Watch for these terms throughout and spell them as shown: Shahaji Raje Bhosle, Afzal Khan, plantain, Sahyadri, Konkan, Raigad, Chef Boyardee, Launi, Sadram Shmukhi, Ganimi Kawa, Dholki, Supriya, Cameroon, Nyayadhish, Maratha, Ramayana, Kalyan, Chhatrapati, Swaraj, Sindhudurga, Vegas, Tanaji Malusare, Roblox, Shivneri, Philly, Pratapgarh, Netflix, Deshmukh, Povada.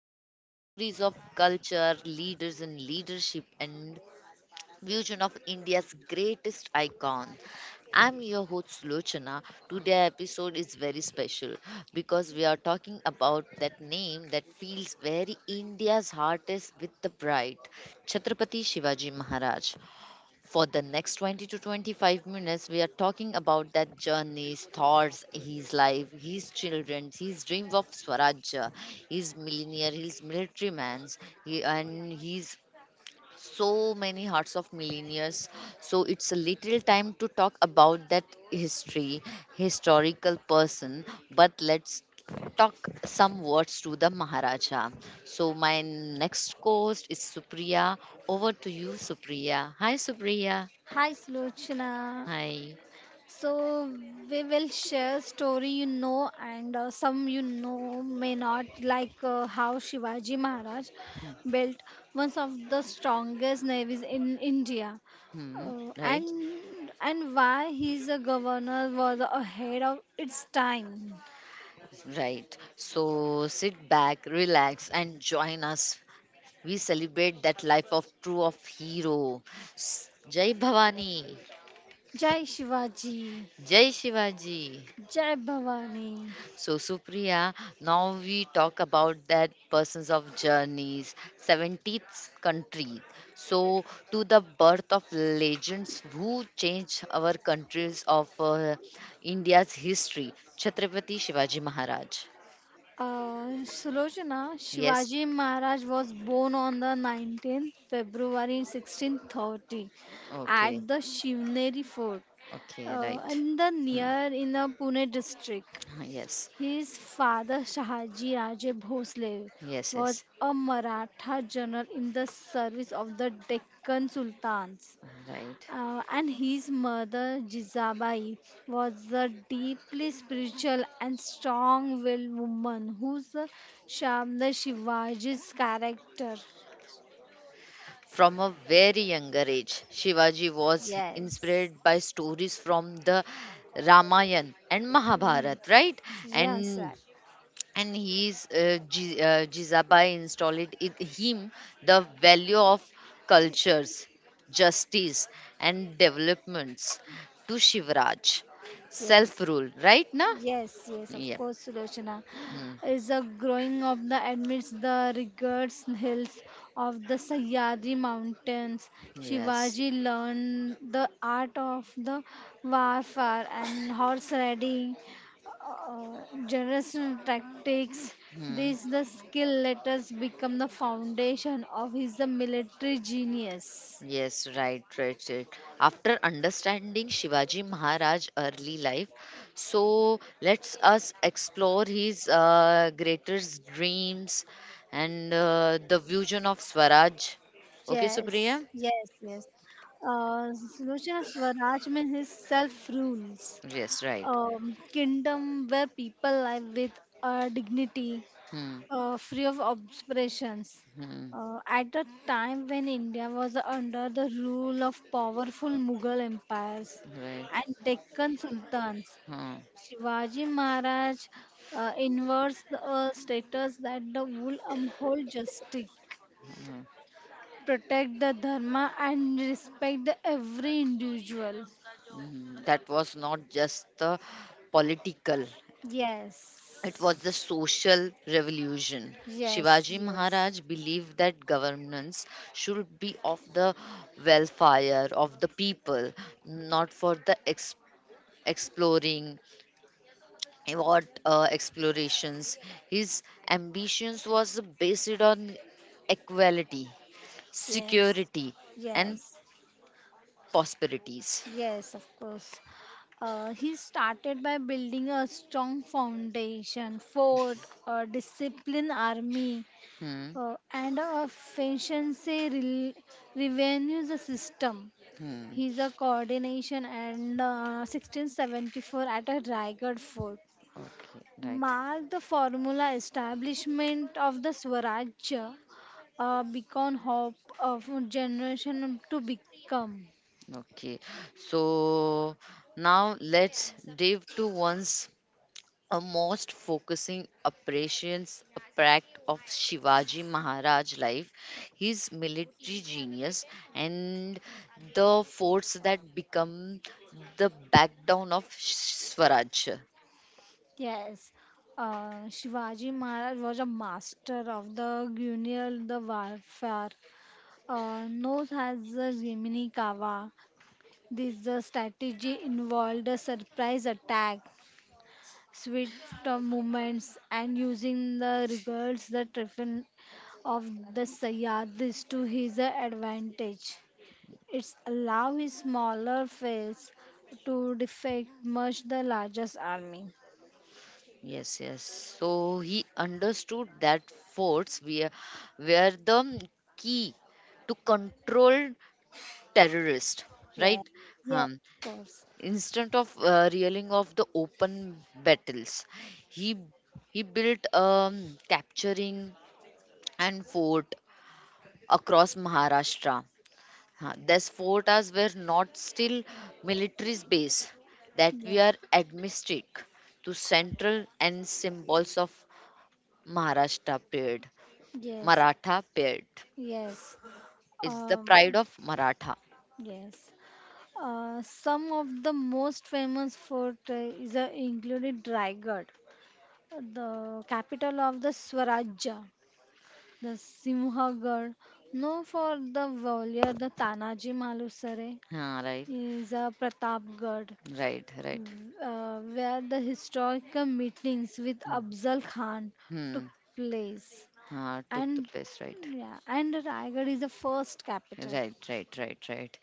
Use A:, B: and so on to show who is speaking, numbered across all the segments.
A: bringing you stories of culture, leaders and leadership, and vision of India's greatest icon. I'm your host Lochana. Today's episode is very special because we are talking about that name that feels very India's heart is with the pride, Chhatrapati Shivaji Maharaj. For the next 20 to 25 minutes we are talking about that journeys, thoughts, his life, his children, his dream of swarajya, his millionaire, his military man's, and he's so many hearts of millionaires. So it's a little time to talk about that history, historical person, but let's talk some words to the maharaja. So my next host is Supriya. Over to you, Supriya. Hi Supriya.
B: Hi, Slochna.
A: Hi.
B: So, we will share story you know and some may not, like how Shivaji Maharaj built one of the strongest navies in India.
A: Hmm.
B: Uh,
A: Right.
B: and why his governor was ahead of its time.
A: Right. So sit back, relax, and join us. We celebrate that life of true of hero. Jai Bhavani.
B: Jai Shivaji,
A: Jai Shivaji.
B: Jai Bhavani.
A: So Supriya, now we talk about that persons of journeys, 70th country. So to the birth of legends who changed our countries of India's history, Chhatrapati Shivaji Maharaj.
B: Sulojana,
A: Yes.
B: Shivaji Maharaj was born on the 19th February 1630
A: Okay,
B: at the Shivneri fort
A: okay, right.
B: in the
A: Hmm.
B: near in the Pune district.
A: Yes,
B: His father Shahaji Raje Bhosle
A: yes,
B: was
A: yes,
B: a Maratha general in the service of the Deccan Sultans.
A: right.
B: And his mother, Jizabai, was a deeply spiritual and strong willed woman whose the Shivaji's character.
A: From a very younger age, Shivaji was
B: Yes.
A: inspired by stories from the Ramayana and Mahabharat, right?
B: Yes.
A: And
B: Yes, right.
A: and his Jizabai installed in him the value of cultures, justice, and developments to Shivraj,
B: Yes.
A: self rule, right? Na?
B: Yes, yes, of
A: Yep.
B: course, Sulochana.
A: Hmm.
B: Is a growing of the amidst the rugged hills of the Sahyadri Mountains.
A: Yes.
B: Shivaji learned the art of the warfare and horse riding, generation tactics.
A: Hmm.
B: These the skill let us become the foundation of his military genius.
A: Yes, right, right, right. After understanding Shivaji Maharaj early life, so let's us explore his greatest dreams and the vision of Swaraj. Okay,
B: Yes,
A: Supriya?
B: yes, yes. Uh, Sulochana, Swaraj means his self rules,
A: Yes, right.
B: kingdom where people live with dignity,
A: Hmm.
B: free of oppressions.
A: Hmm.
B: At a time when India was under the rule of powerful Mughal empires
A: Right.
B: and Deccan sultans,
A: Hmm.
B: Shivaji Maharaj inverts the status that the wool uphold justice
A: Hmm.
B: protect the dharma and respect the every individual.
A: Hmm. That was not just the political. It
B: Yes.
A: was the social revolution.
B: Yes,
A: Shivaji
B: yes.
A: Maharaj believed that governance should be of the welfare of the people, not for the exploring what explorations. His ambitions was based on equality,
B: Yes.
A: security, and
B: Yes.
A: prosperities.
B: Yes, of course. He started by building a strong foundation, fort, a disciplined army,
A: Hmm.
B: and a revenue the system.
A: Hmm.
B: He's a coordination and 1674 at a Raigad fort
A: Okay. Right.
B: marked the formula establishment of the Swarajya, a beacon hope of a generation to become.
A: Okay. So now let's dive to one's a most focusing appreciations a pract of Shivaji Maharaj life, his military genius and the force that become the backbone of Swaraj.
B: Yes, Shivaji Maharaj was a master of the guerrilla the warfare. Known as the Gemini Kawa, this strategy involved a surprise attack Swift of movements and using the regards the triffin of the Sayyadis to his advantage. It's allow his smaller face to defect much the largest army.
A: Yes, yes. So he understood that forts were the key to control terrorists,
B: Yeah.
A: right?
B: Yeah,
A: Um,
B: of course.
A: instead of reeling of the open battles, he he built capturing and fort across Maharashtra. These forts were not still military base that
B: Yeah.
A: we are administered to central and symbols of Maharashtra period.
B: Yes.
A: Maratha period.
B: Yes.
A: Is the pride
B: Um,
A: of Maratha.
B: yes. Some of the most famous fort is included Raigad, the capital of the Swarajya, the Simhagad, known for the warrior the Tanaji Malusare,
A: Huh, right,
B: is a Pratapgarh,
A: right, right.
B: where the historical meetings with
A: Hmm.
B: Afzal Khan
A: Hmm,
B: took place.
A: huh, took the
B: And
A: place, right.
B: yeah, and Raigad is the first capital.
A: Right, right, right, right.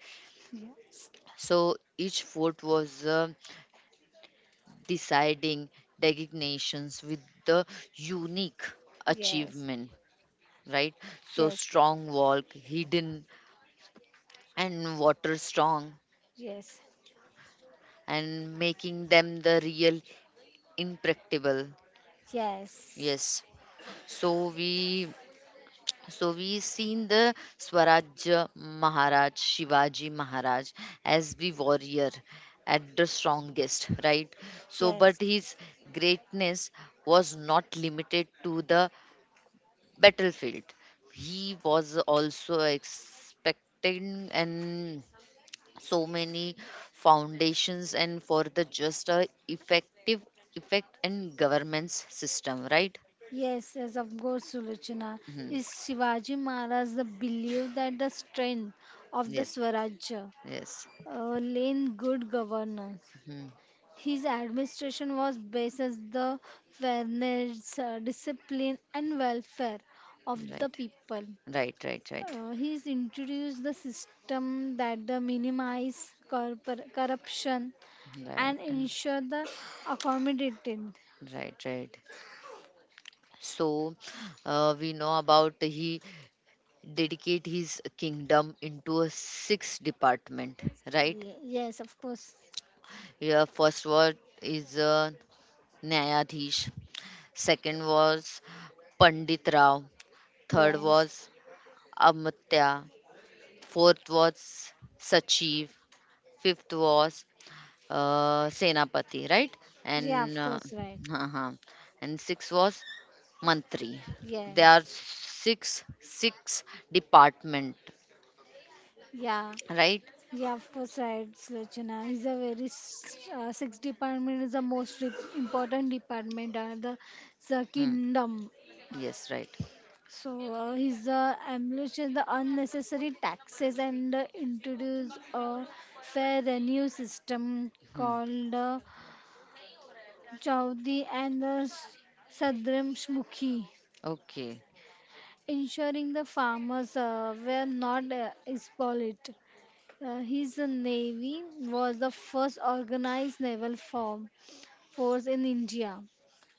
B: Yes,
A: So each fort was deciding designations with the unique
B: yes,
A: achievement, right? So
B: yes,
A: strong wall, hidden and water strong,
B: yes,
A: and making them the real impractical.
B: yes,
A: Yes. So we So we seen the Swarajya Maharaj, Shivaji Maharaj as the warrior at the strongest, right? So, but
B: yes.
A: his greatness was not limited to the battlefield. He was also expecting and so many foundations and for the just a effective effect and governance system, right?
B: Yes, yes, of course, Sulochana.
A: Mhm.
B: Is Shivaji Maharaj the belief that the strength of the
A: Yes,
B: Swarajya
A: yes.
B: lay in good governance?
A: Mhm.
B: His administration was based on the fairness, discipline, and welfare of the
A: Right.
B: people.
A: Right, right, right,
B: He's introduced the system that the minimize corruption
A: right,
B: and ensure the accommodated.
A: right, right. So, we know about he dedicate his kingdom into a six department, right?
B: Ye- yes, of course.
A: Yeah, first was is Nyayadhish, second was Pandit Rao, third
B: Yes.
A: was Amatya, fourth was Sachiv, fifth was Senapati, right?
B: Yeah,
A: And
B: of course, right.
A: uh and six was Mantri. There
B: Yes.
A: are six department,
B: Yeah.
A: right?
B: Yeah, of course, right, Slochana. Is a very sex department is the most important department of the
A: Hmm.
B: kingdom.
A: Yes, right.
B: So his abolition the unnecessary taxes and introduce a fair revenue system
A: Hmm.
B: called Chaudhary and the Sadram Shmukhi,
A: Okay.
B: ensuring the farmers were not exploited. His navy was the first organized naval force in India,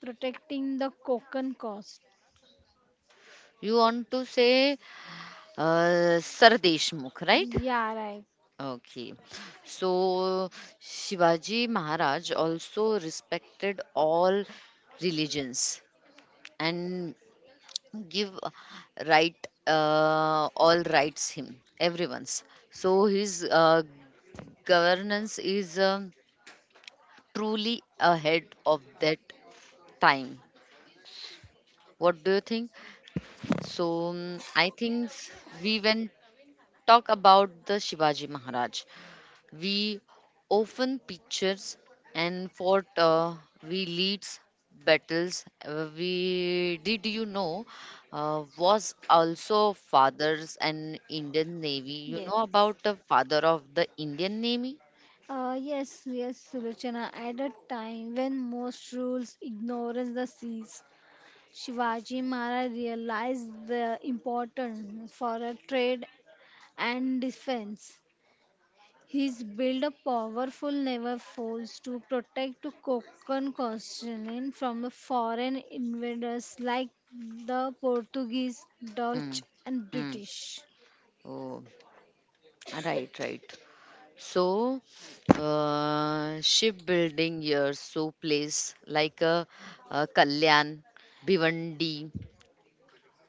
B: protecting the Konkan coast.
A: You want to say Sir Deshmukh, right?
B: Yeah, right.
A: Okay. So Shivaji Maharaj also respected all religions and give right all rights him everyone's. So his governance is truly ahead of that time. What do you think? So I think we when talk about the Shivaji Maharaj, we often pictures and fought. We leads battles. We did was also fathers and Indian Navy. You know
B: Yes.
A: about the father of the Indian Navy?
B: Yes, yes, Sulochana. At a time when most rules ignorance the seas, Shivaji Maharaj realized the importance for a trade and defense. He's built a powerful naval force to protect the Konkan coastline from foreign invaders like the Portuguese,
A: Hmm.
B: Dutch, and
A: Hmm.
B: British.
A: Oh, right, right. So, shipbuilding years so place like Kalyan, Bhivandi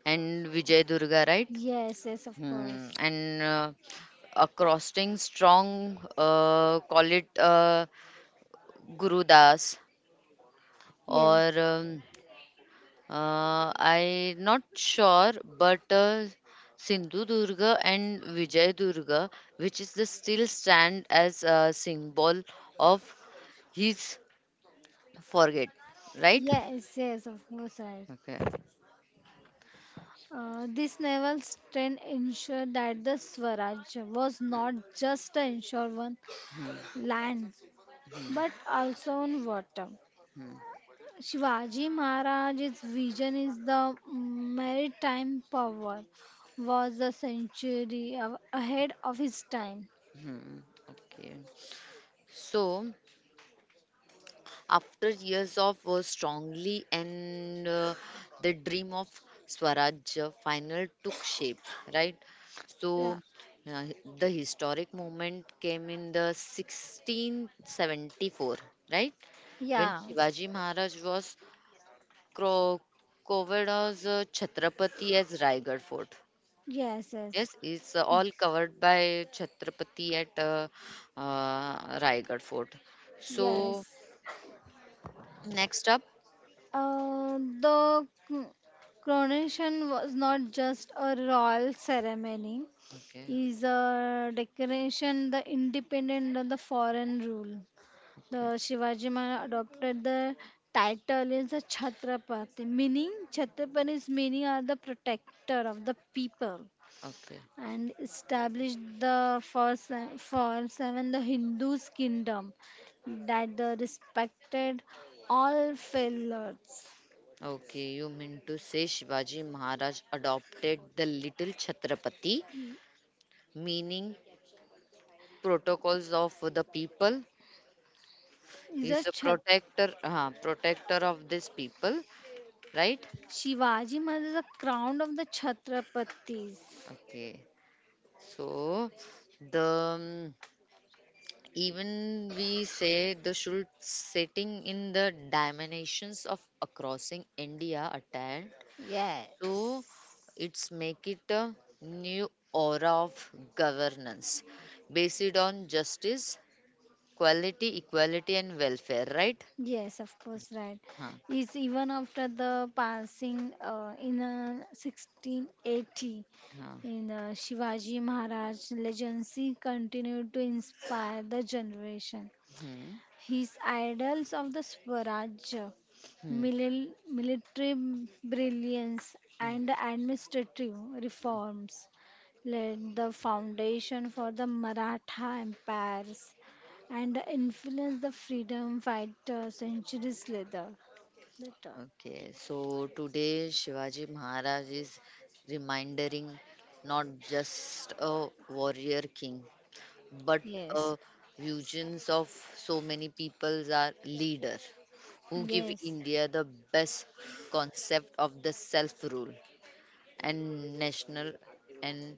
A: and Vijayadurga, right?
B: Yes, yes, of
A: Hmm.
B: course.
A: And accosting strong, call it Gurudas,
B: Yes,
A: or I not sure, but Sindhudurga and Vijayadurga, which is the still stand as a symbol of his forget, right.
B: yes, yes, of course, right.
A: Okay.
B: This naval strength ensured that the Swaraj was not just an insured one land, but also on water.
A: Hmm,
B: Shivaji Maharaj's vision is the maritime power was a century ahead of his time.
A: hmm, okay. So after years of strongly and the dream of swaraj final took shape, right. So
B: Yeah.
A: uh, the historic moment came in the 1674, right, when
B: Yeah.
A: Shivaji Maharaj was cro- covered as Chhatrapati as Raigad fort.
B: Yes, yes.
A: Yes, it's all covered by Chhatrapati at Raigad Fort. Mm. So
B: Yes.
A: next up,
B: The coronation was not just a royal ceremony.
A: okay,
B: Is a decoration the independent of the foreign rule.
A: okay,
B: The Shivaji Maharaj adopted the title is a Chhatrapati, meaning Chhatrapati's meaning are the protector of the people,
A: okay,
B: and established the for seven the Hindu's kingdom that the respected all fellows.
A: okay. You mean to say Shivaji Maharaj adopted the little Chhatrapati, meaning protocols of the people.
B: Is a
A: He's a
B: Chhat
A: protector, protector of this people, right?
B: Shivaji Maharaj is the crown of the Chhatrapatis.
A: Okay. So the um, even we say the should setting in the dimensions of crossing India attend. So
B: Yes.
A: it's make it a new aura of governance based on justice, quality, equality and welfare, right?
B: Yes, of course, right.
A: Huh.
B: Is even after the passing in 1680
A: Huh.
B: in Shivaji Maharaj legacy continued to inspire the generation.
A: Hmm.
B: His idols of the Swaraj,
A: Hmm.
B: military brilliance,
A: Hmm.
B: and administrative reforms laid the foundation for the Maratha empires and influenced the freedom fighter centuries later. Later.
A: Okay, so today Shivaji Maharaj is reminding not just a warrior king, but uh,
B: Yes,
A: visions of so many peoples are leader who give
B: yes,
A: India the best concept of the self rule and national and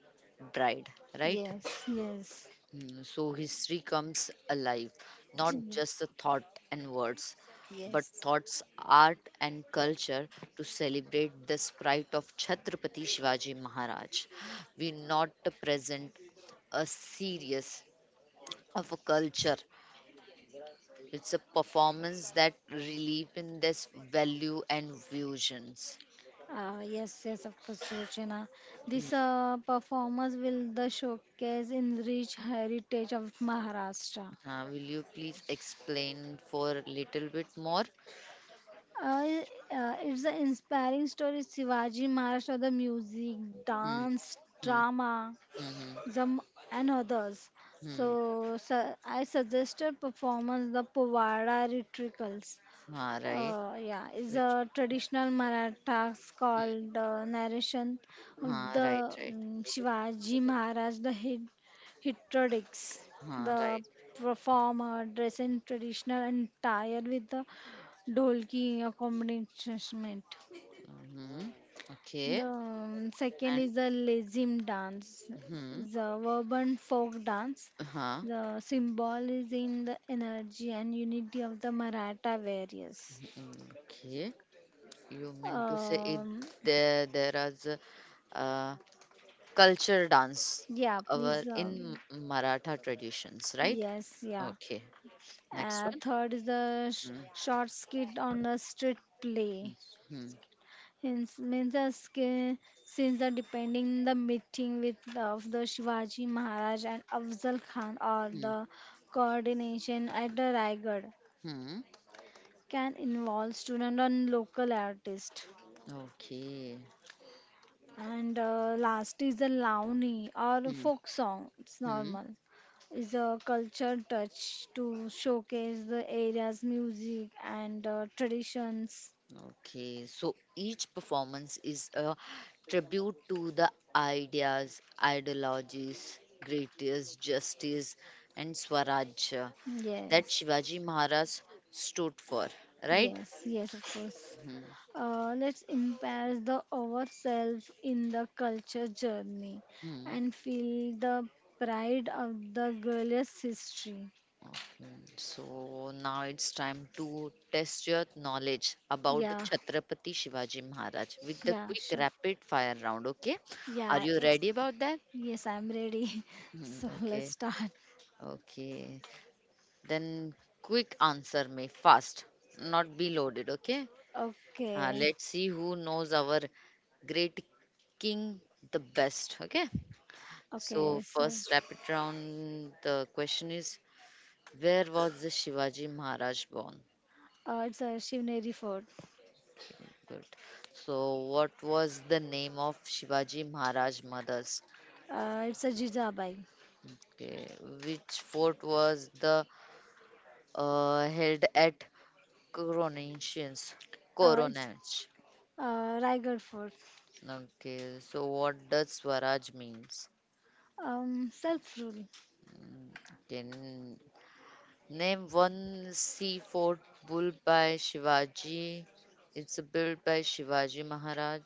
A: pride, right?
B: yes, yes,
A: So history comes alive, not
B: yeah,
A: just the thought and words, but
B: yes.
A: thoughts, art, and culture to celebrate the sprite of Chhatrapati Shivaji Maharaj. We not present a series of a culture. It's a performance that relieve in this value and visions.
B: Yes, yes, of course, Rochana.
A: Hmm.
B: This performance will the showcase in rich heritage of Maharashtra.
A: Will you please explain for a little bit more?
B: Uh, it's an inspiring story. Shivaji Maharashtra, the music,
A: Hmm.
B: dance,
A: Hmm.
B: drama,
A: Hmm. Hmm.
B: the, and others.
A: Hmm.
B: So, I suggested performance the Povada Rituals.
A: Ah, right.
B: Yeah, is
A: Which?
B: a traditional Marathas
A: Hmm.
B: called narration of
A: Ah,
B: the
A: right. Right.
B: Shivaji Maharaj, the hit, hitrodics.
A: Ah,
B: The
A: right.
B: performer dressed in traditional attire with the dholki accompaniment.
A: Hmm. Okay.
B: The second
A: And
B: is the lazim dance,
A: hmm.
B: is a urban folk dance.
A: Huh.
B: The symbol is in the energy and unity of the Maratha warriors.
A: Mm, okay. You mean to say it?
B: Um,
A: There is a uh, culture dance,
B: yeah,
A: our
B: please.
A: in Maratha traditions, right?
B: Yes, yeah.
A: Okay. Next one.
B: Third is the
A: Mm,
B: short skit on the street play.
A: mm, mm,
B: Hence, means the since the depending the meeting with of the Shivaji Maharaj and Afzal Khan or
A: mm,
B: the coordination at the Raigad
A: mm.
B: can involve student and local artist.
A: Okay.
B: And last is the Launi or
A: Mm,
B: folk song. It's
A: mm.
B: normal. Is a culture touch to showcase the area's music and traditions.
A: Okay. So each performance is a tribute to the ideas, ideologies, greatest justice, and Swaraj that
B: Yes,
A: Shivaji Maharaj stood for, right?
B: yes, yes, of course. Let's immerse the ourselves in the culture journey
A: Hmm.
B: and feel the pride of the girliest history.
A: Okay, so now it's time to test your knowledge about the
B: Yeah,
A: Chhatrapati Shivaji Maharaj with the
B: yeah,
A: quick
B: sure.
A: rapid fire round. Okay, are
B: Yeah,
A: you
B: let's.
A: ready about that?
B: Yes, I'm ready.
A: Hmm,
B: So let's
A: okay,
B: start.
A: okay. Then quick answer me fast, not be loaded. Okay,
B: Okay,
A: let's see who knows our great king the best. Okay, so
B: okay. So
A: first rapid round. The question is, where was the Shivaji Maharaj born?
B: it's a Shivneri fort.
A: Good. So, what was the name of Shivaji Maharaj Mother's?
B: It's a Jijabai.
A: Okay. Which fort was the held at Coronations?
B: Uh, it's
A: Coronach.
B: uh, Raigad fort.
A: Okay. So, what does Swaraj means?
B: Self-rule.
A: Okay. Name one sea fort built by Shivaji. It's built by Shivaji Maharaj.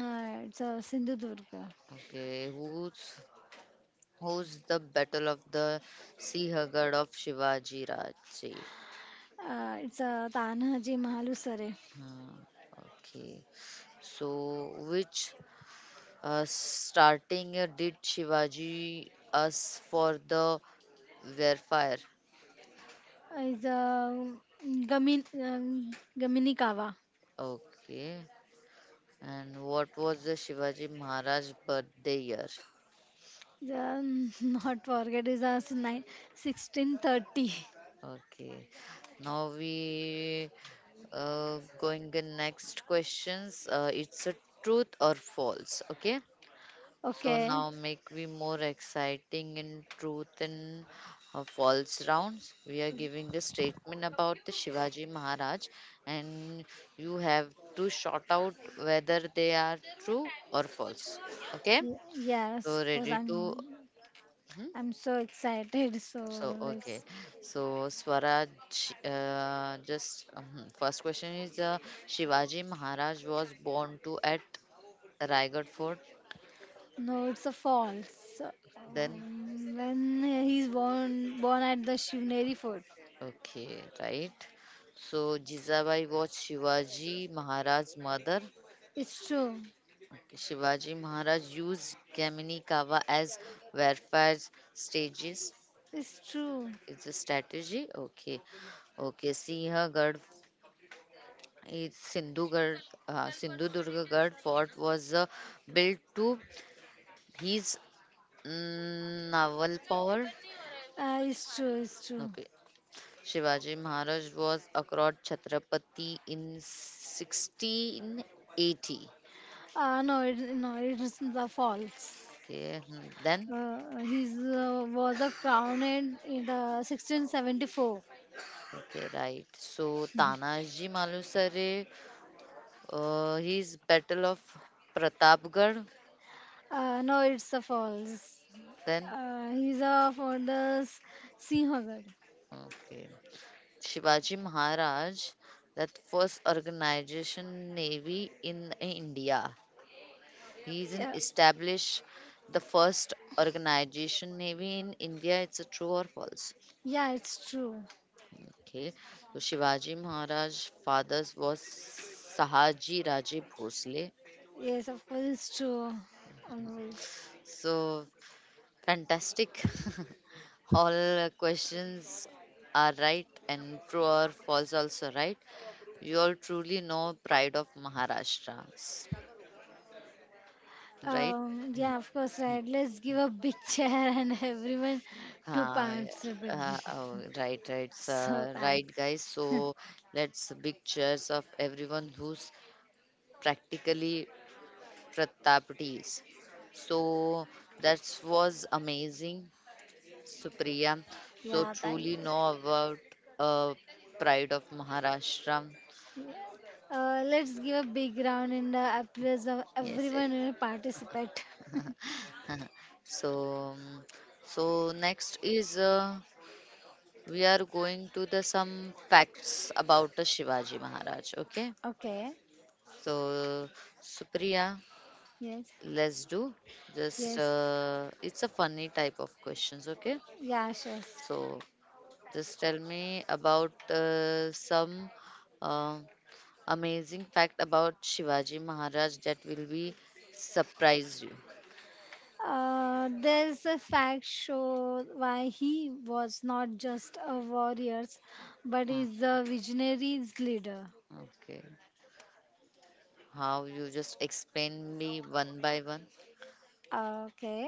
B: It's a Sindhudurga.
A: Okay. Who's the Battle of the Sihagad of Shivaji Raje?
B: It's a Tanaji Mahalusare.
A: Ah, okay. So, which starting did Shivaji us for the Warfare?
B: It's a Gamin um, Gamini Kava.
A: Okay. And what was the Shivaji Maharaj birthday year?
B: The, not forget is a nine 1630.
A: Okay. Now we going the next questions. It's a truth or false. Okay. So now
B: Okay.
A: make we more exciting in truth and false rounds. We are giving the statement about the Shivaji Maharaj, and you have to shout out whether they are true or false. Okay? So
B: Yes, because
A: ready to.
B: I'm
A: Hmm?
B: I'm so excited. So
A: So okay.
B: let's
A: So Swaraj, just mhm. first question is Shivaji Maharaj was born to at Raigad Fort.
B: No, it's a false.
A: Then
B: When he's born at the Shivneri fort.
A: okay, right? So Jizabai was Shivaji Maharaj's mother.
B: It's true.
A: Shivaji Maharaj used Gemini Kawa as warfare stages.
B: It's true.
A: It's a strategy. Okay. Okay. Sinhgarh is Sindhugarh. Sindhudurgarh fort was built to his naval power.
B: It's true. It's true.
A: Okay. Shivaji Maharaj was across Chhatrapati in 1680.
B: No, it is the false.
A: Okay. Hmm, then
B: He was a crowned in the 1674.
A: okay, right. So Tanaji Malusare, his Battle of Pratapgarh,
B: No, it's a false.
A: then
B: He's a for the Sinhagar.
A: okay. Shivaji Maharaj, that first organization navy in India. He's is in
B: Yeah,
A: established the first organization navy in India. It's a true or false?
B: yeah, it's true.
A: Okay. So Shivaji Maharaj father was Sahaji Raje Bhosle.
B: Yes, of course, true. Always.
A: So fantastic. All questions are right and true or false also right. You all truly know pride of Maharashtra, right?
B: Yeah, of course, right. Let's give a big chair and everyone to
A: Uh,
B: participate.
A: oh, right, right, sir.
B: So
A: Right,
B: thanks.
A: guys. So let's big cheers of everyone who's practically Pratapdis. So that was amazing, Supriya. So
B: Yeah, thank
A: truly know
B: you.
A: about uh, pride of Maharashtra.
B: Let's give a big round in the applause of
A: Yes, yes.
B: everyone who participate.
A: So, so next is we are going to the some facts about the Shivaji Maharaj. Okay.
B: Okay.
A: So, Supriya,
B: Yes.
A: let's do just
B: Yes.
A: it's a funny type of questions. Okay.
B: Yeah, sure.
A: So, just tell me about some uh, amazing fact about Shivaji Maharaj that will be surprise you.
B: There's a fact show why he was not just a warrior, but
A: Hmm.
B: is a visionary's leader.
A: Okay. How you just explain me one by one?
B: Okay,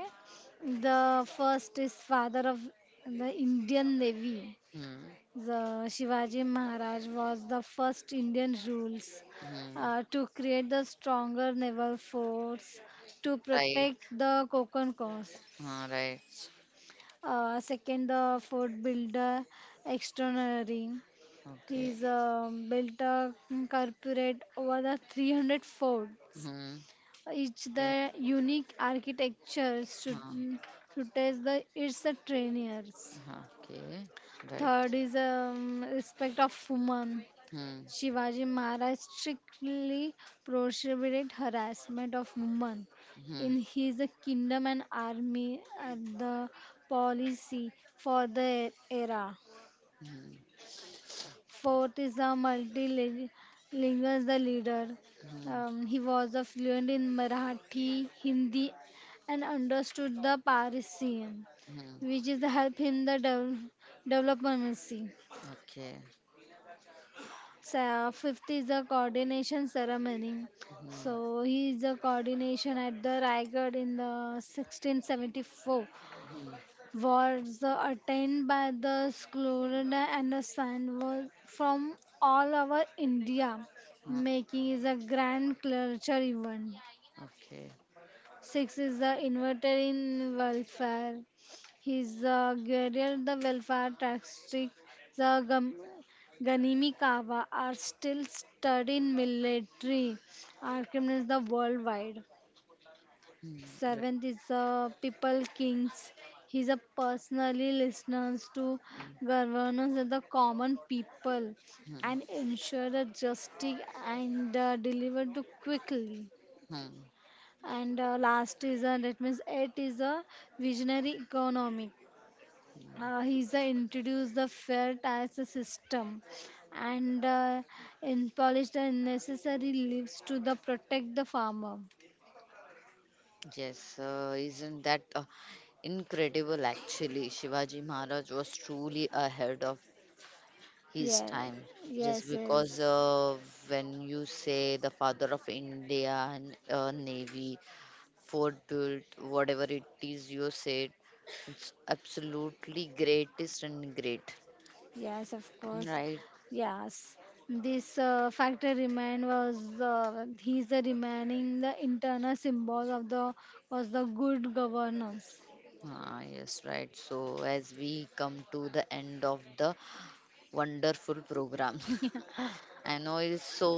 B: the first is father of the Indian Navy.
A: Hmm.
B: The Shivaji Maharaj was the first Indian rules
A: Hmm.
B: to create the stronger naval force to
A: Right.
B: protect the Konkan coast.
A: Huh, right.
B: Second, the fort builder extraordinary.
A: Okay.
B: He's built a corporate over the 300 forts.
A: Hmm.
B: Each
A: Okay.
B: the unique architecture
A: Huh.
B: should test the its the trainers.
A: Huh, okay.
B: Third
A: Right.
B: is respect of women.
A: Hmm.
B: Shivaji Maharaj strictly prohibited harassment of women
A: Hmm.
B: in his kingdom and army at the policy for the era.
A: Hmm.
B: Fourth is a multilingual the leader.
A: Hmm.
B: He was a fluent in Marathi, Hindi, and understood the Parisian,
A: Hmm.
B: which is help him the diplomacy.
A: Okay.
B: So, fifth is the coordination ceremony.
A: Hmm.
B: So he is the coordination at the Raigad in the 1674 was attained by the Sklurada and the sand was from all over India,
A: Hmm.
B: making is a grand culture event.
A: Okay.
B: Six is the inverted in welfare. His guerrilla, the welfare tactics, the Ganimi Kawa are still studied in military archives the worldwide.
A: Hmm. Right.
B: Seventh is People Kings. He's a personally listens to
A: Hmm.
B: governors and the common people
A: Hmm.
B: and ensure the justice and deliver to quickly.
A: Hmm.
B: And last is that means eight is a visionary economic. He's introduced the fair tax system and in polish the necessary leaves to the protect the farmer.
A: Yes. Isn't that incredible? Actually, Shivaji Maharaj was truly ahead of his
B: Yeah.
A: time just
B: Yes, yes.
A: because when you say the father of Indian navy, fort built, whatever it is you said, it's absolutely greatest and great,
B: Yes, of course.
A: right.
B: Yes, this factor remain was he's the remaining the internal symbol of the was the good governance.
A: Ah, yes, right. So as we come to the end of the wonderful program, I know it's so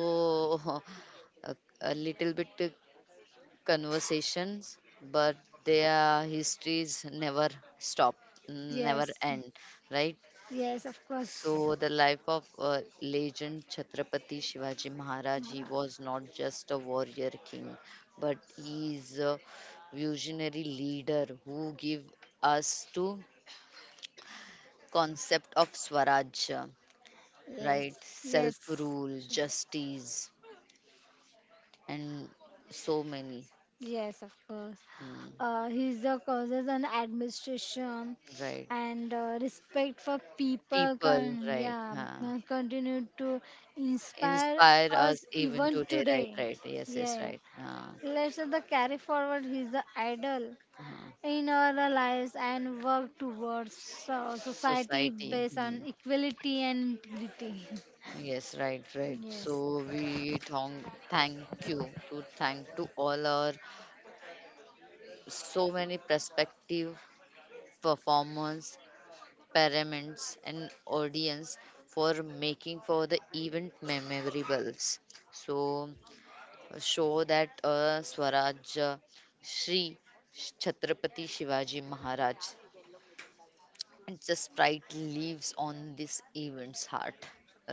A: a, a little bit conversations, but their histories never stop, never
B: Yes,
A: end, right?
B: yes, of course.
A: So, the life of legend Chhatrapati Shivaji Maharaj, he was not just a warrior king, but he is a visionary leader who give us to concept of Swaraj,
B: Yes,
A: right?
B: yes.
A: Self-rule,
B: Sure.
A: justice, and so many,
B: Yes, of course.
A: hmm,
B: He's the causes and administration
A: right?
B: and respect for people can
A: People, right?
B: yeah
A: Huh.
B: continue to inspire
A: Inspire us
B: us
A: even
B: even
A: today, right,
B: today.
A: right, yes, yes,
B: Yeah,
A: right.
B: let's the carry forward his idol
A: Uh,
B: in our lives and work towards society
A: society,
B: based on
A: hmm.
B: equality and integrity.
A: Yes, right, right. So
B: Yes.
A: we thank you to thank to all our so many prospective performers, parents and audience for making for the event memorables. So show that swaraj shri Chhatrapati Shivaji Maharaj. It's just pride lives on this event's heart,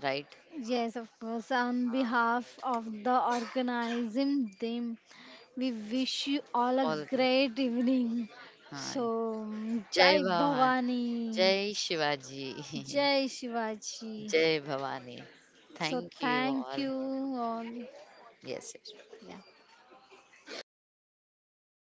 A: right?
B: Yes, of course. On
A: Uh,
B: behalf of the organism, team, we wish you all a
A: all
B: great evening. So,
A: Jai
B: Jai
A: Bhavan,
B: Bhavani,
A: Jai Shivaji,
B: Jai Shivaji.
A: Jai Bhavani.
B: So,
A: Thank you
B: thank
A: all.
B: you all.
A: Yes. Yes.
B: Yeah.